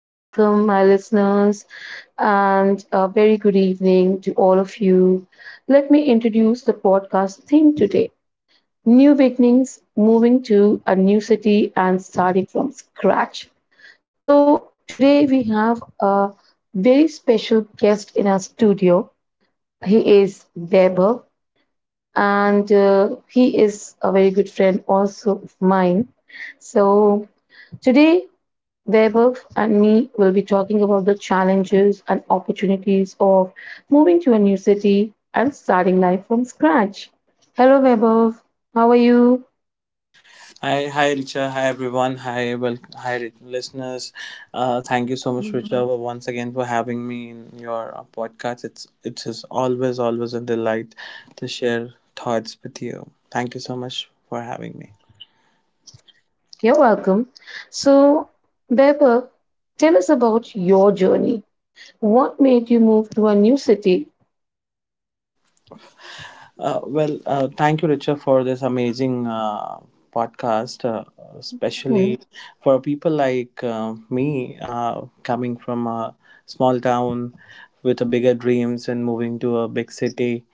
Welcome, my listeners, and a very good evening to all of you. Let me introduce the podcast theme today: New Beginnings, Moving to a New City, and Starting from Scratch. So, today we have a very special guest in our studio. He is Weber, and he is a very good friend also of mine. So, today, Debev and me will be talking about the challenges and opportunities of moving to a new city and starting life from scratch. Hello, Debev. How are you? Hi, hi, Richa. Hi, everyone. Hi, welcome. Hi, listeners. Thank you so much, Richa. Mhm. Once again for having me in your podcast. It's it is always a delight to share thoughts with you. Thank you so much for having me. You're welcome. So, Debev, tell us about your journey. What made you move to a new city? Thank you, Richa, for this amazing podcast, Mhm, especially for people like me coming from a small town with a bigger dreams and moving to a big city.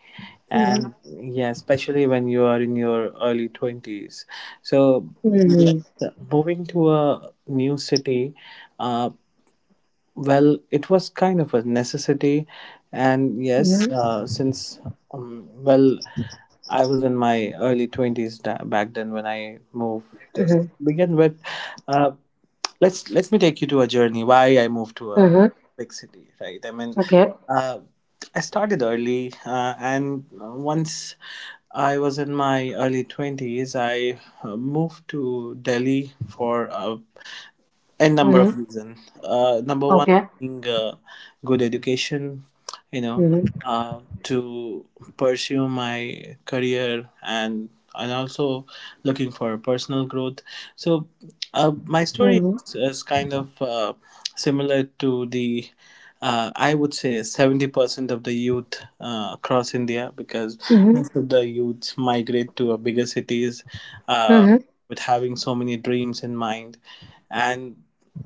mhm, And yeah, especially when you are in your early 20s. So, yes, mhm, moving to a new city, uh, it was kind of a necessity. And yes, mhm, since well, I was in my early 20s back then when I moved. Just mhm, begin with, uh, let's let me take you to a journey why I moved to a mhm. big city. Right? I mean, Okay. uh, I started early, and once I was in my early 20s, I moved to Delhi for a and number Mhm, of reasons. Number one okay. being good education, you know, Mhm, to pursue my career and also looking for personal growth. So my story mhm, is kind of similar to the. I would say 70% of the youth across India, because mhm, most of the youths migrate to bigger cities, uh, mhm, with having so many dreams in mind. And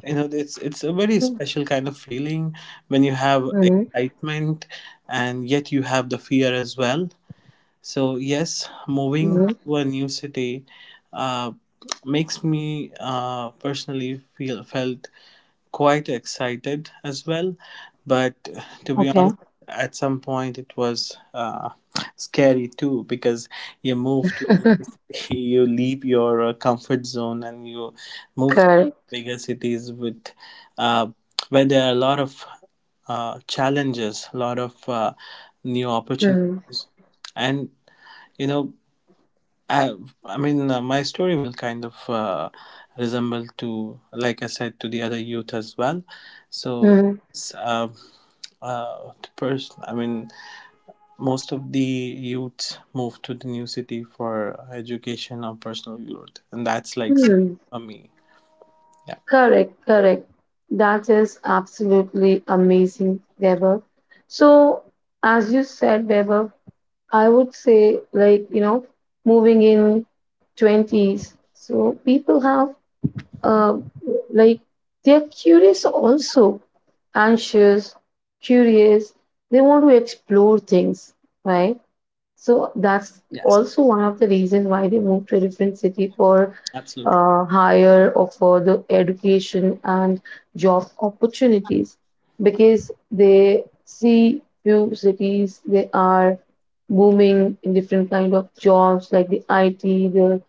you know it's a very special kind of feeling when you have mhm, excitement, and yet you have the fear as well. So yes, moving to mhm. a new city uh, makes me personally feel felt quite excited as well, but to be Okay. honest, at some point it was scary too, because you move to a new city, you leave your comfort zone and you move to Correct. bigger cities with uh, where there are a lot of challenges, a lot of new Mm, opportunities, and you know I, my story will kind of resemble to, like I said, to the other youth as well. So, mm, s- uh, the person, I mean, most of the youths move to the new city for education or personal growth, and that's mm. for me. Yeah. Correct, correct. That is absolutely amazing, Deborah. So, as you said, Deborah, I would say, like, you know, moving in 20s, so people have, uh, like, they're curious also, anxious, curious. They want to explore things, right? So that's Yes. also one of the reasons why they moved to a different city for Absolutely. Higher or further education and job opportunities, because they see few cities they are booming in different kind of jobs like the IT the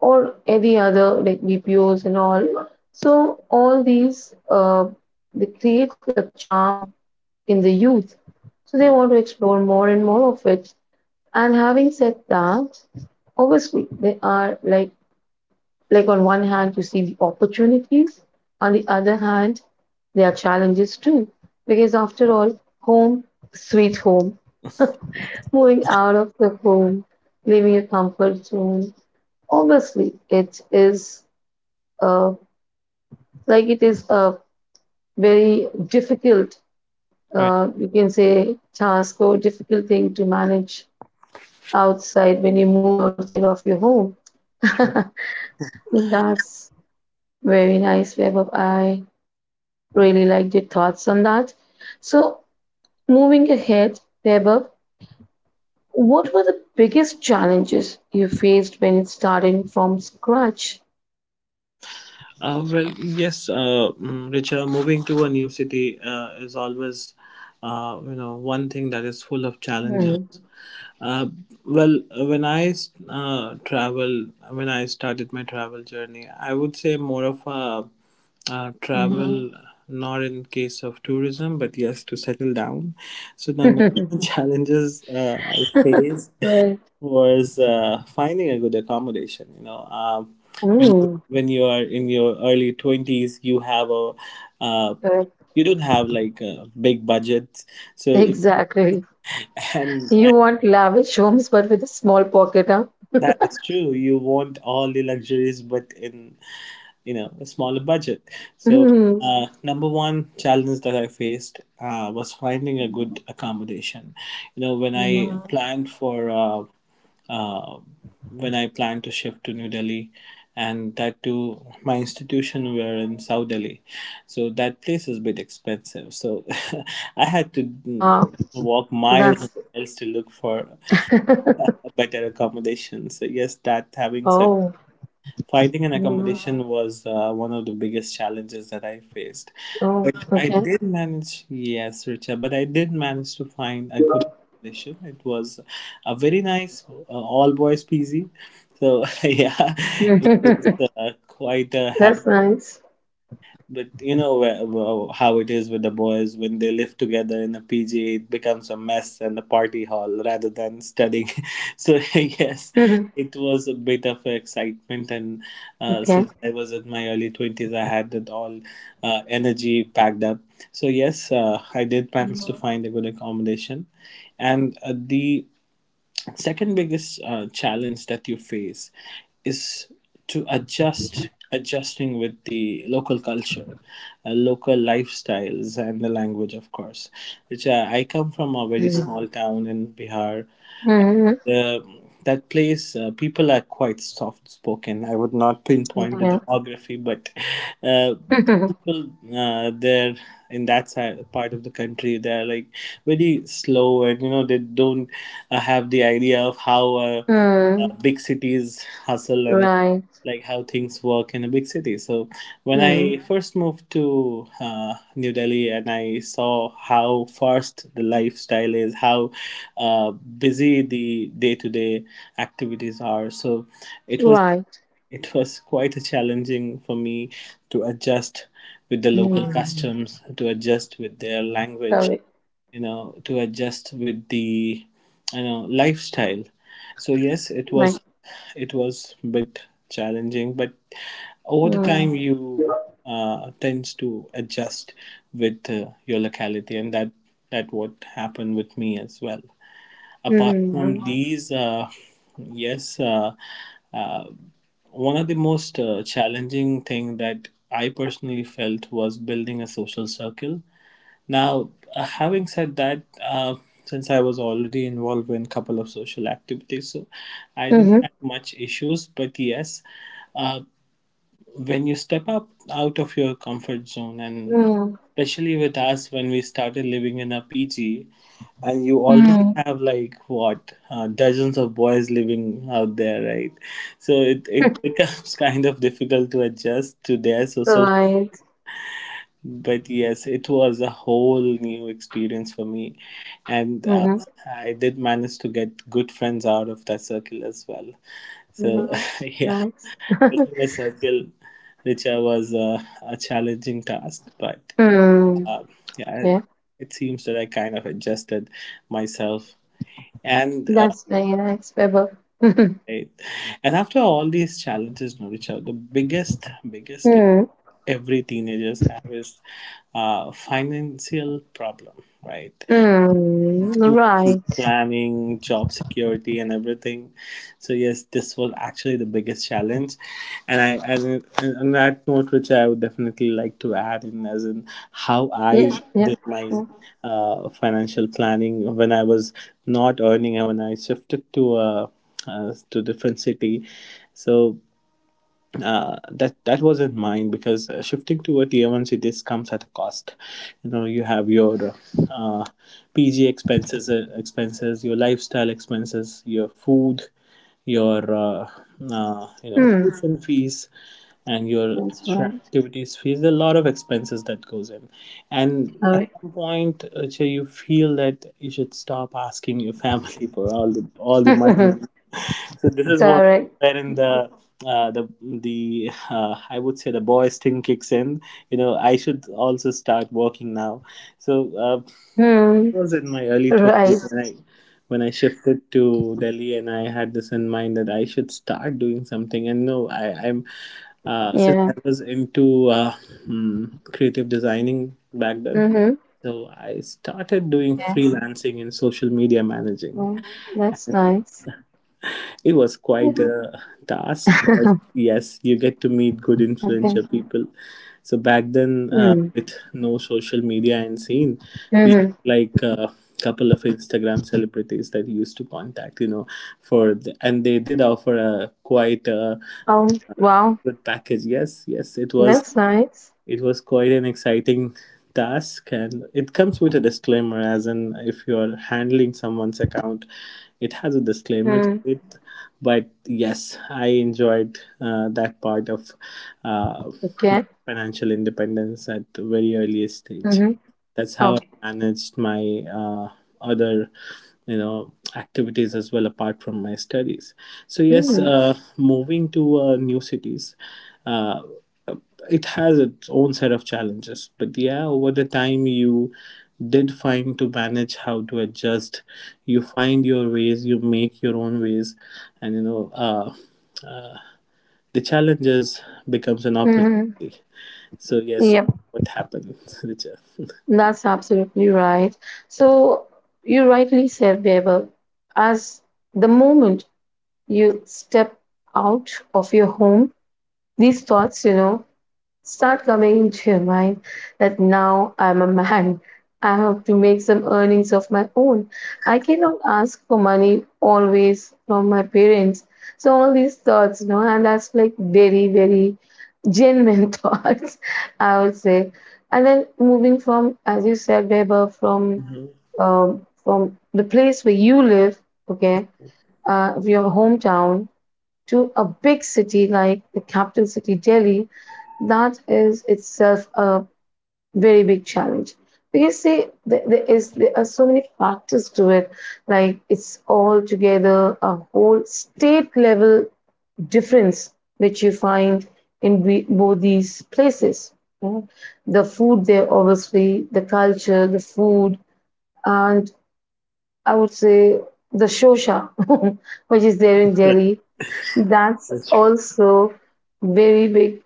or any other like BPOs and all. So all these they create like a charm in the youth. So they Mm, want to explore more and more of it. And having said that, obviously they are like on one hand you see the opportunities, on the other hand there are challenges too. Because after right. all, home, sweet home, moving out of the home, leaving your comfort zone, obviously it is uh, like it is a very difficult, Right. You can say, task or difficult thing to manage outside when you move outside of your home. True. That's Very nice, Vaibhav. I really liked your thoughts on that. So, moving ahead, Vaibhav, what were the biggest challenges you faced when starting from scratch? Uh, well, yes, uh, Richa, moving to a new city is always you know, one thing that is full of challenges. Hmm. Uh, well, when I when I started my travel journey, I would say more of a Hmm. travel, not in case of tourism, but yes, to settle down. So the number one challenges I faced Right. was finding a good accommodation. You know, Mm, when you are in your early 20s, you have a uh, correct. you don't have like a big budget, so it, Exactly. and You want lavish homes, but with a small pocket, huh? that is true. You want all the luxuries, but in you know a smaller budget. So Mm, number one challenge that I faced was finding a good accommodation. You know when I Mhm. mm. planned for uh, when I planned to shift to New Delhi, and that too my institution were in South Delhi, so that place is a bit expensive. So I had to Yeah, walk miles and that's. miles to look for better accommodation. So yes, that having said, Oh, finding an mm, accommodation was one of the biggest challenges that I faced. oh, But I okay. did manage, yes, Richa, but I did manage to find a good accommodation. It was a very nice all boys PZ. So yeah, it was quite a happy. That's nice. But you know how it is with the boys when they live together in a PG, it becomes a mess and a party hall rather than studying. So yes, Mhm. it was a bit of excitement, and Okay. since I was in my early 20s, I had that all energy packed up. So yes, I did manage to find a good accommodation, and the second biggest challenge that you face is to adjusting with the local culture, local lifestyles, and the language, of course, which I come from a very Mm. small town in Bihar. Mm. The, that place people are quite soft spoken. I would not pinpoint the Okay. demography, but uh, people there in that side part of the country, they are like very slow, and you know they don't have the idea of how Mm. big cities hustle and Right. like how things work in a big city. So when I Mm. Mhm. first moved to New Delhi and I saw how fast the lifestyle is, how uh, busy the day-to-day activities are, so it was, Right. it was quite a challenging for me to adjust with the local Wow. Mm. customs, to adjust with their language, Correct. you know, to adjust with the you know lifestyle. So yes, it was, Right. it was a bit challenging, but over the Mm. time you tends to adjust with your locality, and that what happened with me as well. Apart Mm. from these, yes, uh, uh, one of the most challenging thing that I personally felt was building a social circle. Now, having said that, since I was already involved in a couple of social activities, so I didn't Mm. have much issues. But yes, uh, when you step up out of your comfort zone, and Mm. especially with us when we started living in a PG and you already Mm. have like what dozens of boys living out there, right? So it becomes kind of difficult to adjust to their social, Right. but yes, it was a whole new experience for me, and Mm-hmm. I did manage to get good friends out of that circle as well. So Nice. yeah, Nice. building a circle, Richa, was a challenging task, but Mm. uh, yeah, Yeah. it seems that I kind of adjusted myself. And uh, That's very nice, Pebble. Mm. I- and after all these challenges, no, Richa, the biggest thing every teenagers have is financial problem, right? Mm. Right. Planning, job security, and everything. So yes, this was actually the biggest challenge, and I and on that note, which I would definitely like to add in as in how I Yeah. Yeah. did For my sure. Financial planning when I was not earning and when I shifted to different city. So that wasn't mine, because shifting to a tier one cities comes at a cost. You know, you have your uh, PG expenses, expenses, your lifestyle expenses, your food, your you know Mm. tuition fees, and your That's extra right. activities fees. There are a lot of expenses that goes in, and at Correct. some point, you feel that you should stop asking your family for all the money. So this is what, Correct. wherein the I would say the boys thing kicks in. You know, I should also start working now. So Hmm. I was in my early Right. twenties when I shifted to Delhi, and I had this in mind that I should start doing something. And no, I, I'm since Yeah. I was into creative designing back then. Mm-hmm. So I started doing freelancing and social media managing. Oh, that's nice. It was quite Yeah. a task, but yes, you get to meet good Okay. influential people. So back then, Mm. with no social media and scene, we Mm-hmm. like a couple of Instagram celebrities that used to contact, you know, for the, and they did offer a quite a Oh, wow. good package. Yes, yes, it was, That's nice. it was quite an exciting task, and it comes with a disclaimer as in if you are handling someone's account, it has a disclaimer to Mm. it. But yes, I enjoyed that part of uh, my Okay. financial independence at the very earliest stage. Mm-hmm. That's how Oh. I managed my other you know activities as well, apart from my studies. So yes, Mm. Moving to new cities, uh, it has its own set of challenges, but yeah, over the time you did find to manage how to adjust. You find your ways, you make your own ways, and you know uh, the challenges becomes an Mm-hmm. opportunity. So yes, Yep, what happened Richard. that's absolutely right. So you rightly said, Babel, as the moment you step out of your home, these thoughts, start coming into your mind that now I'm a man. I have to make some earnings of my own. I cannot ask for money always from my parents. So all these thoughts, and that's like very, very genuine thoughts, I would say. And then moving from, as you said, Weber, from Mhm. um, from the place where you live, okay, your hometown to a big city like the capital city, Delhi, that is itself a very big challenge. Because see, there are so many factors to it. Like it's all together a whole state level difference which you find in both these places. you know. The food there, obviously, the culture, the food, and I would say the shosha, which is there in Yeah, Delhi, that's that's true. also very big,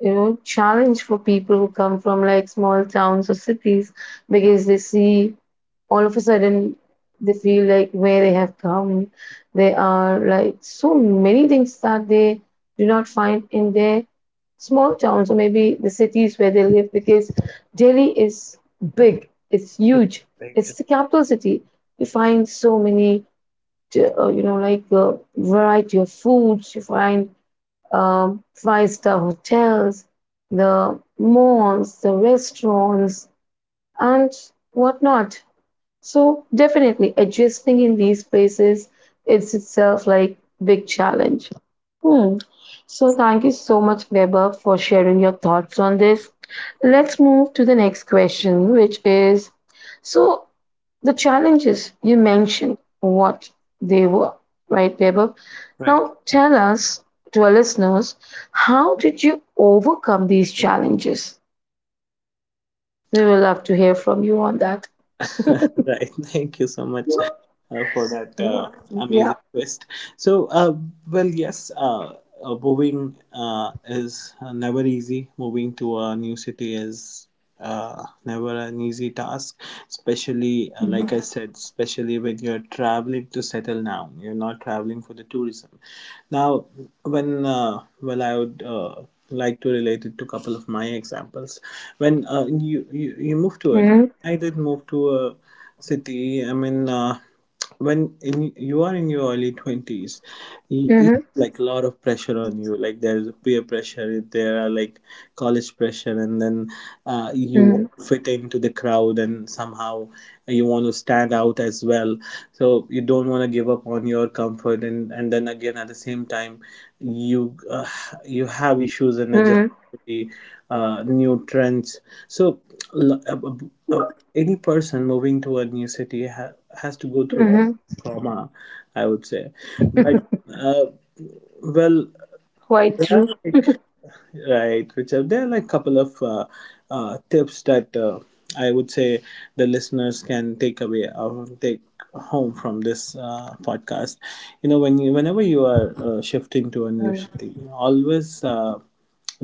you know, challenge for people who come from like small towns or cities, because they see all of a sudden they feel like where they have come. There are like so many things that they do not find in their small towns, or maybe the cities where they live, because Delhi is big, it's huge, Thank it's you. the capital city. You find so many, like variety of foods. You find five-star hotels, the malls, the restaurants, and whatnot. So definitely adjusting in these places is itself like big challenge. Hmm. So thank you so much, Weber, for sharing your thoughts on this. Let's move to the next question, which is, so the challenges you mentioned, what they were, right, Babu? Right. Now tell us, to our listeners, how did you overcome these challenges? We will love to hear from you on that. Right, thank you so much Yeah. For that Mm-hmm. amazing twist. So well yes uh, moving is never easy. Moving to a new city is never an easy task, especially like I said, especially when you're traveling to settle down. You're not traveling for the tourism. Now, when well, I would. Like to relate it to a couple of my examples when you move to it. Mm-hmm. I did move to a city, I mean, when you are in your early 20s, like a lot of pressure on you, like there's peer pressure, there are like college pressure, and then you want Mm-hmm. to fit into the crowd, and somehow you want to stand out as well. So you don't want to give up on your comfort, and then again at the same time you uh, you have issues in adjusting Mm-hmm. to the new trends. So l- uh, uh, any person moving to a new city has to go through all Mm-hmm. trauma, I would say. but uh, well, Quite true. like, right, Richard, there are like couple of tips that I would say the listeners can take away or take home from this podcast. You know, whenever you are shifting to a new Mm. city, always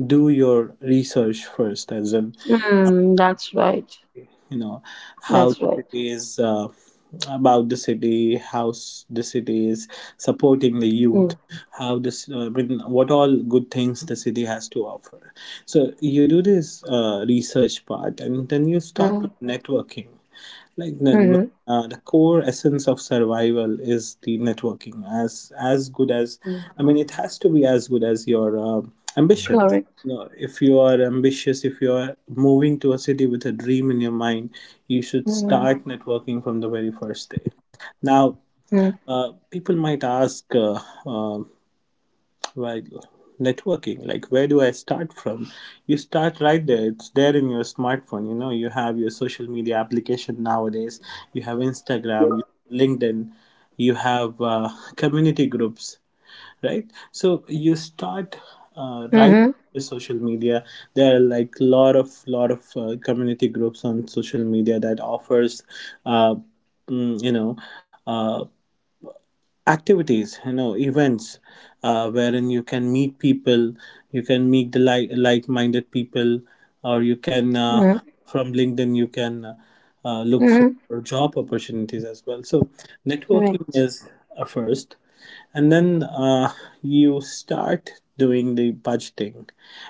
do your research first, as in, Mm, that's right. you know, how That's right. city uh, about the city, the city is supporting the Mm. youth, how this I mean, what all good things the city has to offer. So you do this research part and then you start Mm. with networking. like then, Mm. The core essence of survival is the networking. As good as — I Mm. mean, it has to be as good as your ambition. Correct. No, if you are ambitious, if you are moving to a city with a dream in your mind, you should Mm. start networking from the very first day. Now, Mm. People might ask, uh, while networking, like, where do I start from? You start right there. It's there in your smartphone. You know, you have your social media application nowadays. You have Instagram, you Mm-hmm. have LinkedIn, you have community groups, right? So you start right Mm-hmm. with social media. There are like lot of community groups on social media that offers uh, you know, uh, activities, you know, events, wherein you can meet people, you can meet the like-minded people, or you can from LinkedIn you can look for Mm-hmm. job opportunities as well. So networking Correct. is a first, and then you start doing the budgeting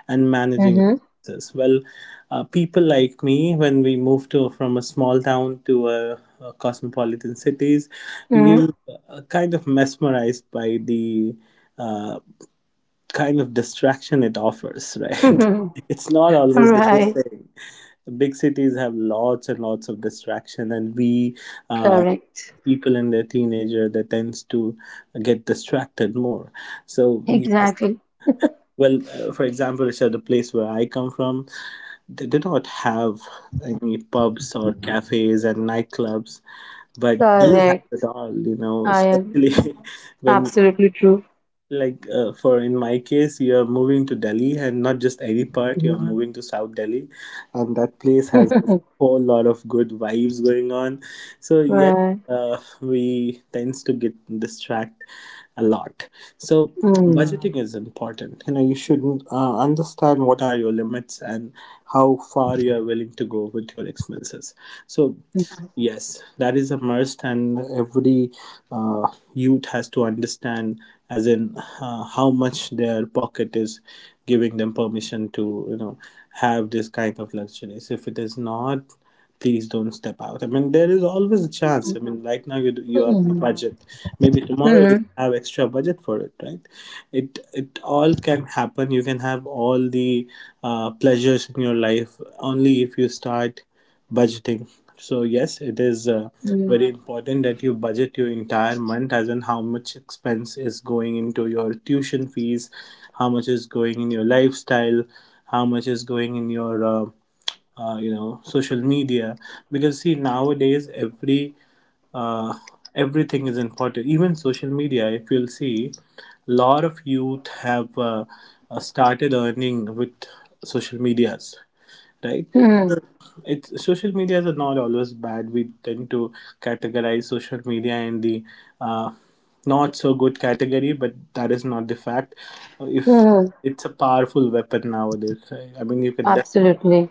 and managing Mm-hmm. expenses well. People like me, when we moved to from a small town to a cosmopolitan cities, Mm. you kind of mesmerized by the uh, kind of distraction it offers, right? It's not always the good Right. thing. Big cities have lots and lots of distraction, and we uh, Correct. people in their teenager that tends to get distracted more. So yes, Exactly. well, for example, Richard, the place where I come from, they do not have any pubs or cafes and nightclubs. But we have Correct. it all, you know, I am especially when, absolutely true. like, for in my case, you're moving to Delhi, and not just any part, you're, Mhm. Mhm, moving to South Delhi. And that place has a whole lot of good vibes going on. So yes, Right. We tends to get distract a lot. So Mm. budgeting is important. You know, you should understand what are your limits and how far you are willing to go with your expenses. So Mm. yes, that is a must, and every uh, youth has to understand, as in, how much their pocket is giving them permission to, you know, have this kind of luxuries. If it is not, please don't step out. I mean, there is always a chance, I mean, right now you are on a budget, maybe tomorrow you Mm. have extra budget for it, right? It all can happen. You can have all the pleasures in your life only if you start budgeting. So yes, it is Mm. very important that you budget your entire month, as in how much expense is going into your tuition fees, how much is going in your lifestyle, how much is going in your you know, social media. Because see, nowadays uh, everything is important, even social media. If you'll see, a lot of youth have started earning with social medias, right? Mm. it's Social medias are not always bad. We tend to categorize social media in the uh, not so good category, but that is not the fact. If Mm. it's a powerful weapon nowadays, I mean, you can Absolutely.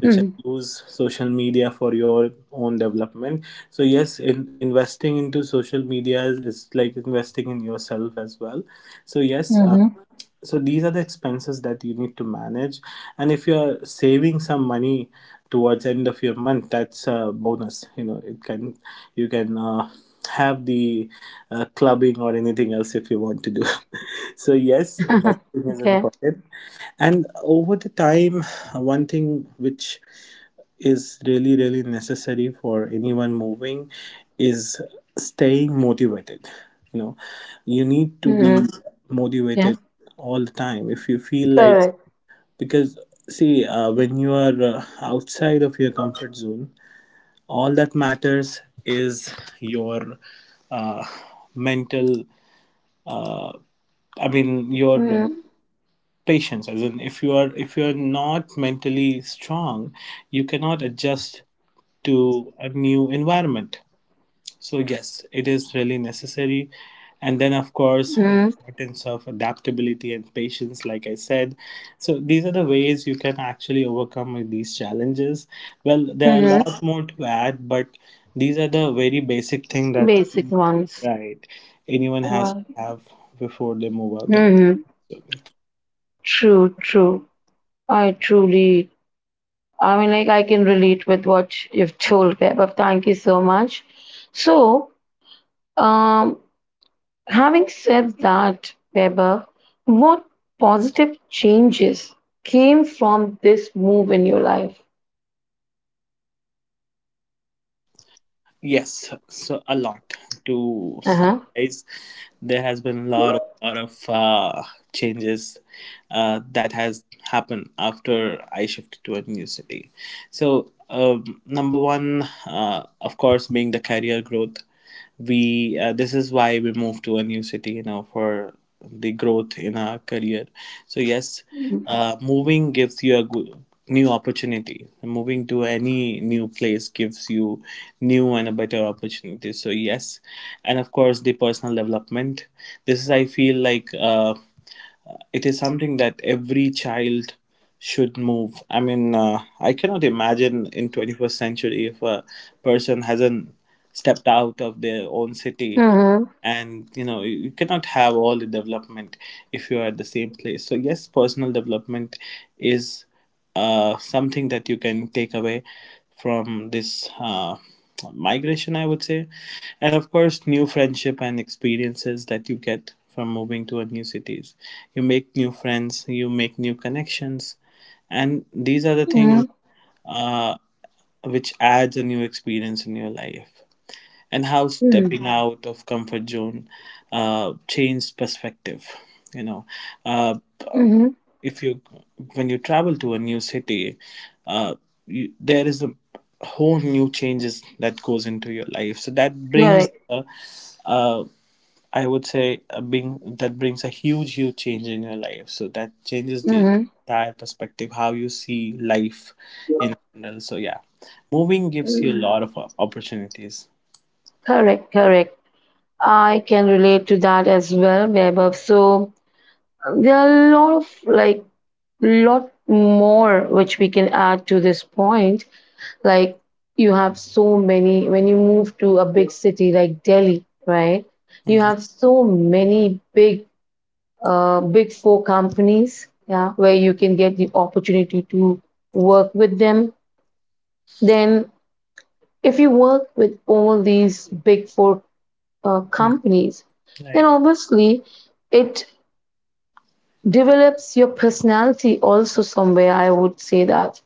which have Mm. used social media for your own development. So yes, investing into social media is like investing in yourself as well. So yes, Hmm. so these are the expenses that you need to manage. And if you are saving some money towards end of your month, that's a bonus, you know, it can you can have the clubbing or anything else if you want to do. So yes, budgeting is Okay. important. And over the time, one thing which is really really necessary for anyone moving is staying motivated. You know, you need to be Mm-hmm. Yeah. motivated all the time if you feel like, Correct. because see, when you are outside of your comfort zone, all that matters is your uh, mental, uh, I mean, your Mm-hmm. patience, as in, if you are not mentally strong, you cannot adjust to a new environment. So yes, it is really necessary. And then of course, Mm-hmm. importance of adaptability and patience, like I said. So these are the ways you can actually overcome these challenges. Well, there are a Mm-hmm. lot more to add, but these are the very basic thing that, Basic ones. right, anyone has Right. to have before they move out of. Mm-hmm. True, true. I truly I mean, like I can relate with what you've told, Vaibhav. Thank you so much. So, um, having said that, Vaibhav, what positive changes came from this move in your life? Yes, so a lot to Uh huh. summarize. There has been a lot of changes that has happened after I shifted to a new city. So number one, of course, being the career growth. We This is why we move to a new city, you know, for the growth in our career. So yes, moving gives you a good new opportunity. Moving to any new place gives you new and a better opportunity. So yes, and of course, the personal development. This is, I feel like, it is something that every child should move. I mean, I cannot imagine in 21st century if a person hasn't stepped out of their own city, Mm-hmm. and you know, you cannot have all the development if you are at the same place. So yes, personal development is something that you can take away from this migration, I would say. And of course, new friendship and experiences that you get from moving to a new cities. You make new friends, you make new connections, and these are the things uh, which adds a new experience in your life. And how Mm-hmm. stepping out of comfort zone changed perspective. You know, uh, Mm-hmm. if you when you travel to a new city, uh, there is a whole new changes that goes into your life. So that brings, Correct. Uh, I would say, a being that brings a huge huge change in your life. So that changes the Mm-hmm. entire perspective, how you see life in general. So yeah, moving gives you a Mm-hmm. lot of opportunities. Correct. Correct. I can relate to that as well, Vaibhav. So there are a lot of, like, lot more which we can add to this point. Like, you have so many, when you move to a big city like Delhi, right? You Mhm. have so many big four companies, yeah, where you can get the opportunity to work with them. Then, if you work with all these big four companies, then obviously it develops your personality also somewhere, I would say that.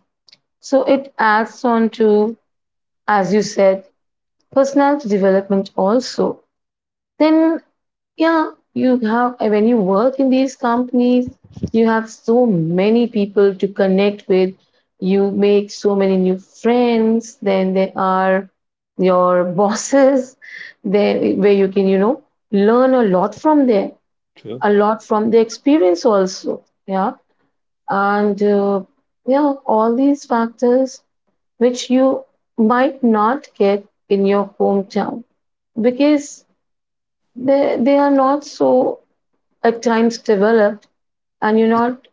So it adds on to, as you said, personality development also. Then, yeah, you have, when you work in these companies, you have so many people to connect with, you make so many new friends, then there are your bosses there, where you can learn a lot from there, True. a lot from the experience also. Yeah. And yeah, all these factors which you might not get in your hometown, because they are not so at times developed, and you're not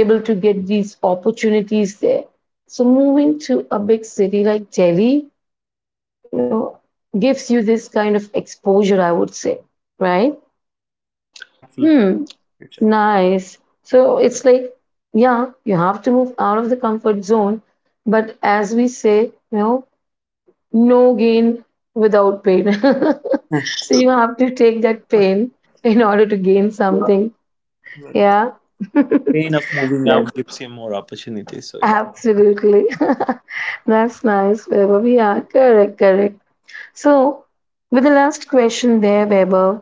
able to get these opportunities there. So moving to a big city like Delhi you know gives you this kind of exposure, I would say, right? Absolutely Hmm. true. Nice. So it's like, yeah, you have to move out of the comfort zone, but as we say, know no gain without pain. So you have to take that pain in order to gain something. Very Yeah. pain of moving That's out gives you more opportunities. So yeah. absolutely. That's nice, Weber. We are correct, correct. So, with the last question there, Weber,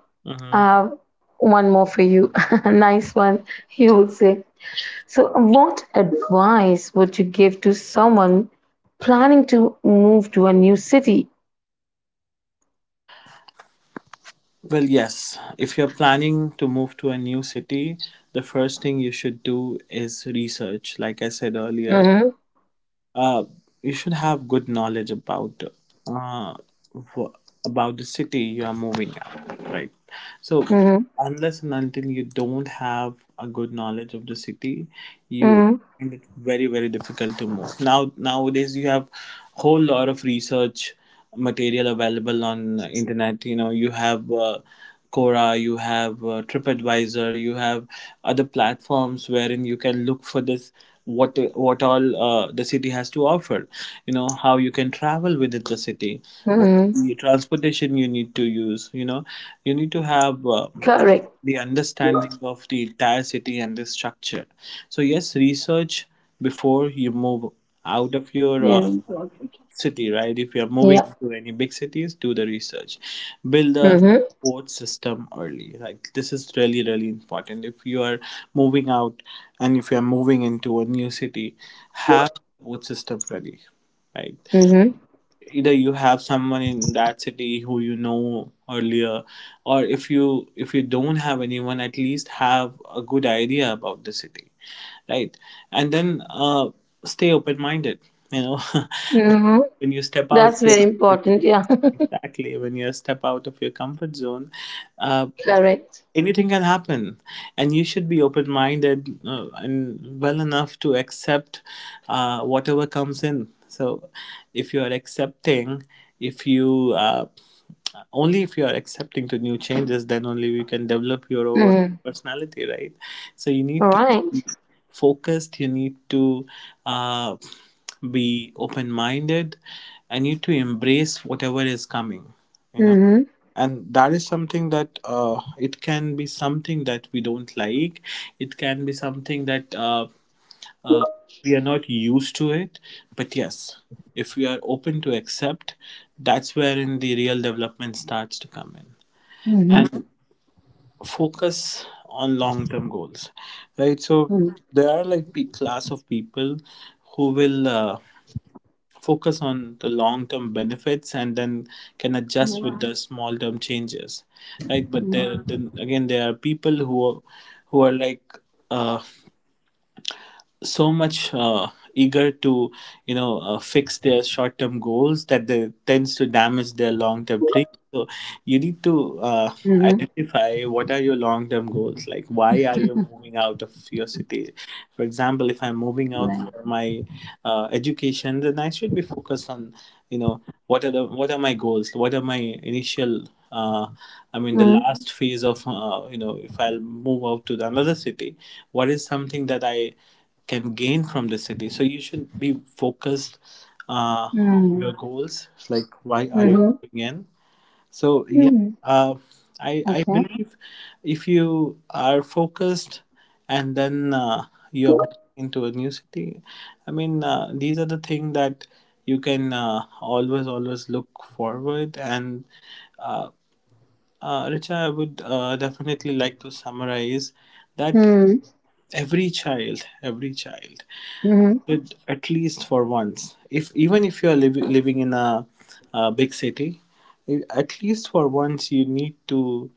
I Hmm. have one more for you. Nice one, you would say. So, what advice would you give to someone planning to move to a new city? Well, yes. If you're planning to move to a new city, the first thing you should do is research. Like I said earlier, Mm-hmm. uh, you should have good knowledge about, uh, wh- about the city you are moving out, right? So Mm-hmm. unless and until you don't have a good knowledge of the city, you Mm-hmm. find it very very difficult to move. Now, nowadays you have whole lot of research material available on internet. You know, you have Quora, you have TripAdvisor, you have other platforms wherein you can look for this what all the city has to offer. You know how you can travel within the city, what Mm-hmm. the transportation you need to use. You know, you need to have Correct. the understanding of the entire city and the structure. So yes, research before you move out of your Very important. city, right? If you are moving Yeah. to any big cities, do the research, build a Mm-hmm. support system early. Like, this is really really important. If you are moving out and if you are moving into a new city, have a support system ready, right? Mm-hmm. Either you have someone in that city who you know earlier, or if you don't have anyone, at least have a good idea about the city, right? And then stay open minded, you know. Mm-hmm. when you step out That's of very your- important. Yeah. Exactly, when you step out of your comfort zone, uh Correct. anything can happen, and you should be open minded and well enough to accept whatever comes in. So if you are accepting if you only if you are accepting to new changes, then only you can develop your own Mm. personality, right? So you need to be Right. focused, you need to uh, be open minded, and you need to embrace whatever is coming, you know, Mm-hmm. and that is something that, it can be something that we don't like, it can be something that uh, we are not used to it, but yes, if we are open to accept, that's wherein the real development starts to come in. Mm-hmm. And Mhm. Focus on long term goals, right? So Mm. there are like class of people who will focus on the long term benefits and then can adjust Right. with the small term changes, right? but Mm. there then again there are people who are like uh, so much eager to, you know, fix their short term goals that they tends to damage their long term dreams. So you need to Mm-hmm. identify what are your long term goals, like why are you moving out of your city. For example, if I'm moving out Right. for my education, then I should be focused on, you know, what are my goals, what are my initial uh, I mean, the Mm. last phase of, you know, if I'll move out to the another city, what is something that I can gain from the city. So you should be focused on Mm. your goals. Like, why are you Mm-hmm. going in? So yeah, Mm. uh, I Okay. believe if you are focused and then you are moving into a new city, I mean, these are the things that you can always always look forward and. Uh, Richa, I would definitely like to summarize that Mm. Every child Mm-hmm. should, at least for once, if even if you are living in a big city, at least for once you need to,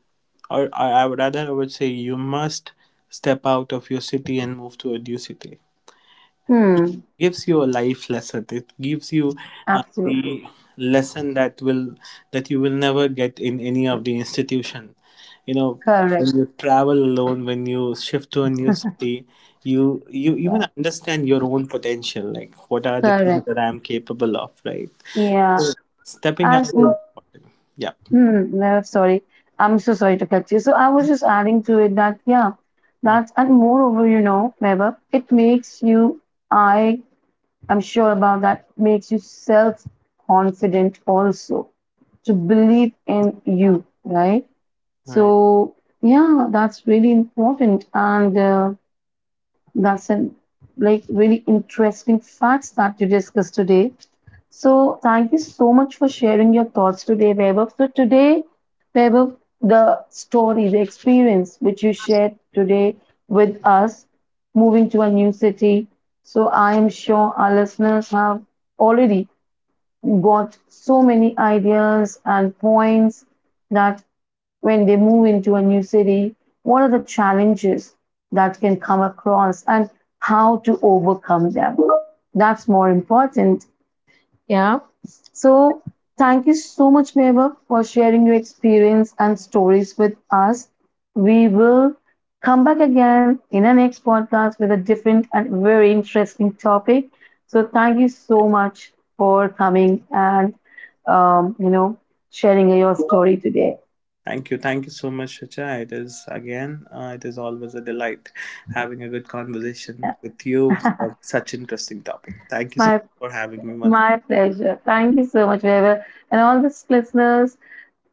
or I would rather, I would say, you must step out of your city and move to a new city. Mm. Gives you a life lesson, it gives you Absolutely. the lesson that you will never get in any of the institution, you know, Correct. when you travel alone, when you shift to a new city, you even Right. understand your own potential, like what are the things Correct. that I am capable of, right? Yeah. stepping out And mm, is- yeah. mm, no, sorry. I'm so sorry to cut you. So I was just adding to it that, yeah, Mm. that's, and moreover, Meva, it makes you, I I'm sure about that, makes you self confident also, to believe in you, right? All right. So, yeah, that's really important, and that's an, like, really interesting facts that you discussed today. So thank you so much for sharing your thoughts today, Vaibhav. So today, Vaibhav, the story, the experience which you shared today with us, moving to a new city. So I am sure our listeners have already got so many ideas and points that when they move into a new city, what are the challenges that can come across, and how to overcome them? That's more important, yeah. So thank you so much, Mehbab, for sharing your experience and stories with us. We will come back again in our next podcast with a different and very interesting topic. So thank you so much for coming, and um, you know sharing your story today. Thank you. Thank you so much, Richa. It is always a delight having a good conversation with you on such interesting topic. Thank you so My much for having me once. my pleasure. Thank you so much, Mehbab, and all the listeners.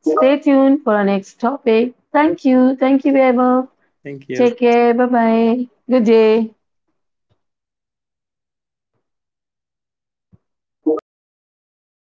Stay tuned for our next topic. Thank you. Thank you, Mehbab. Thank you. Take care. Bye bye. Good day.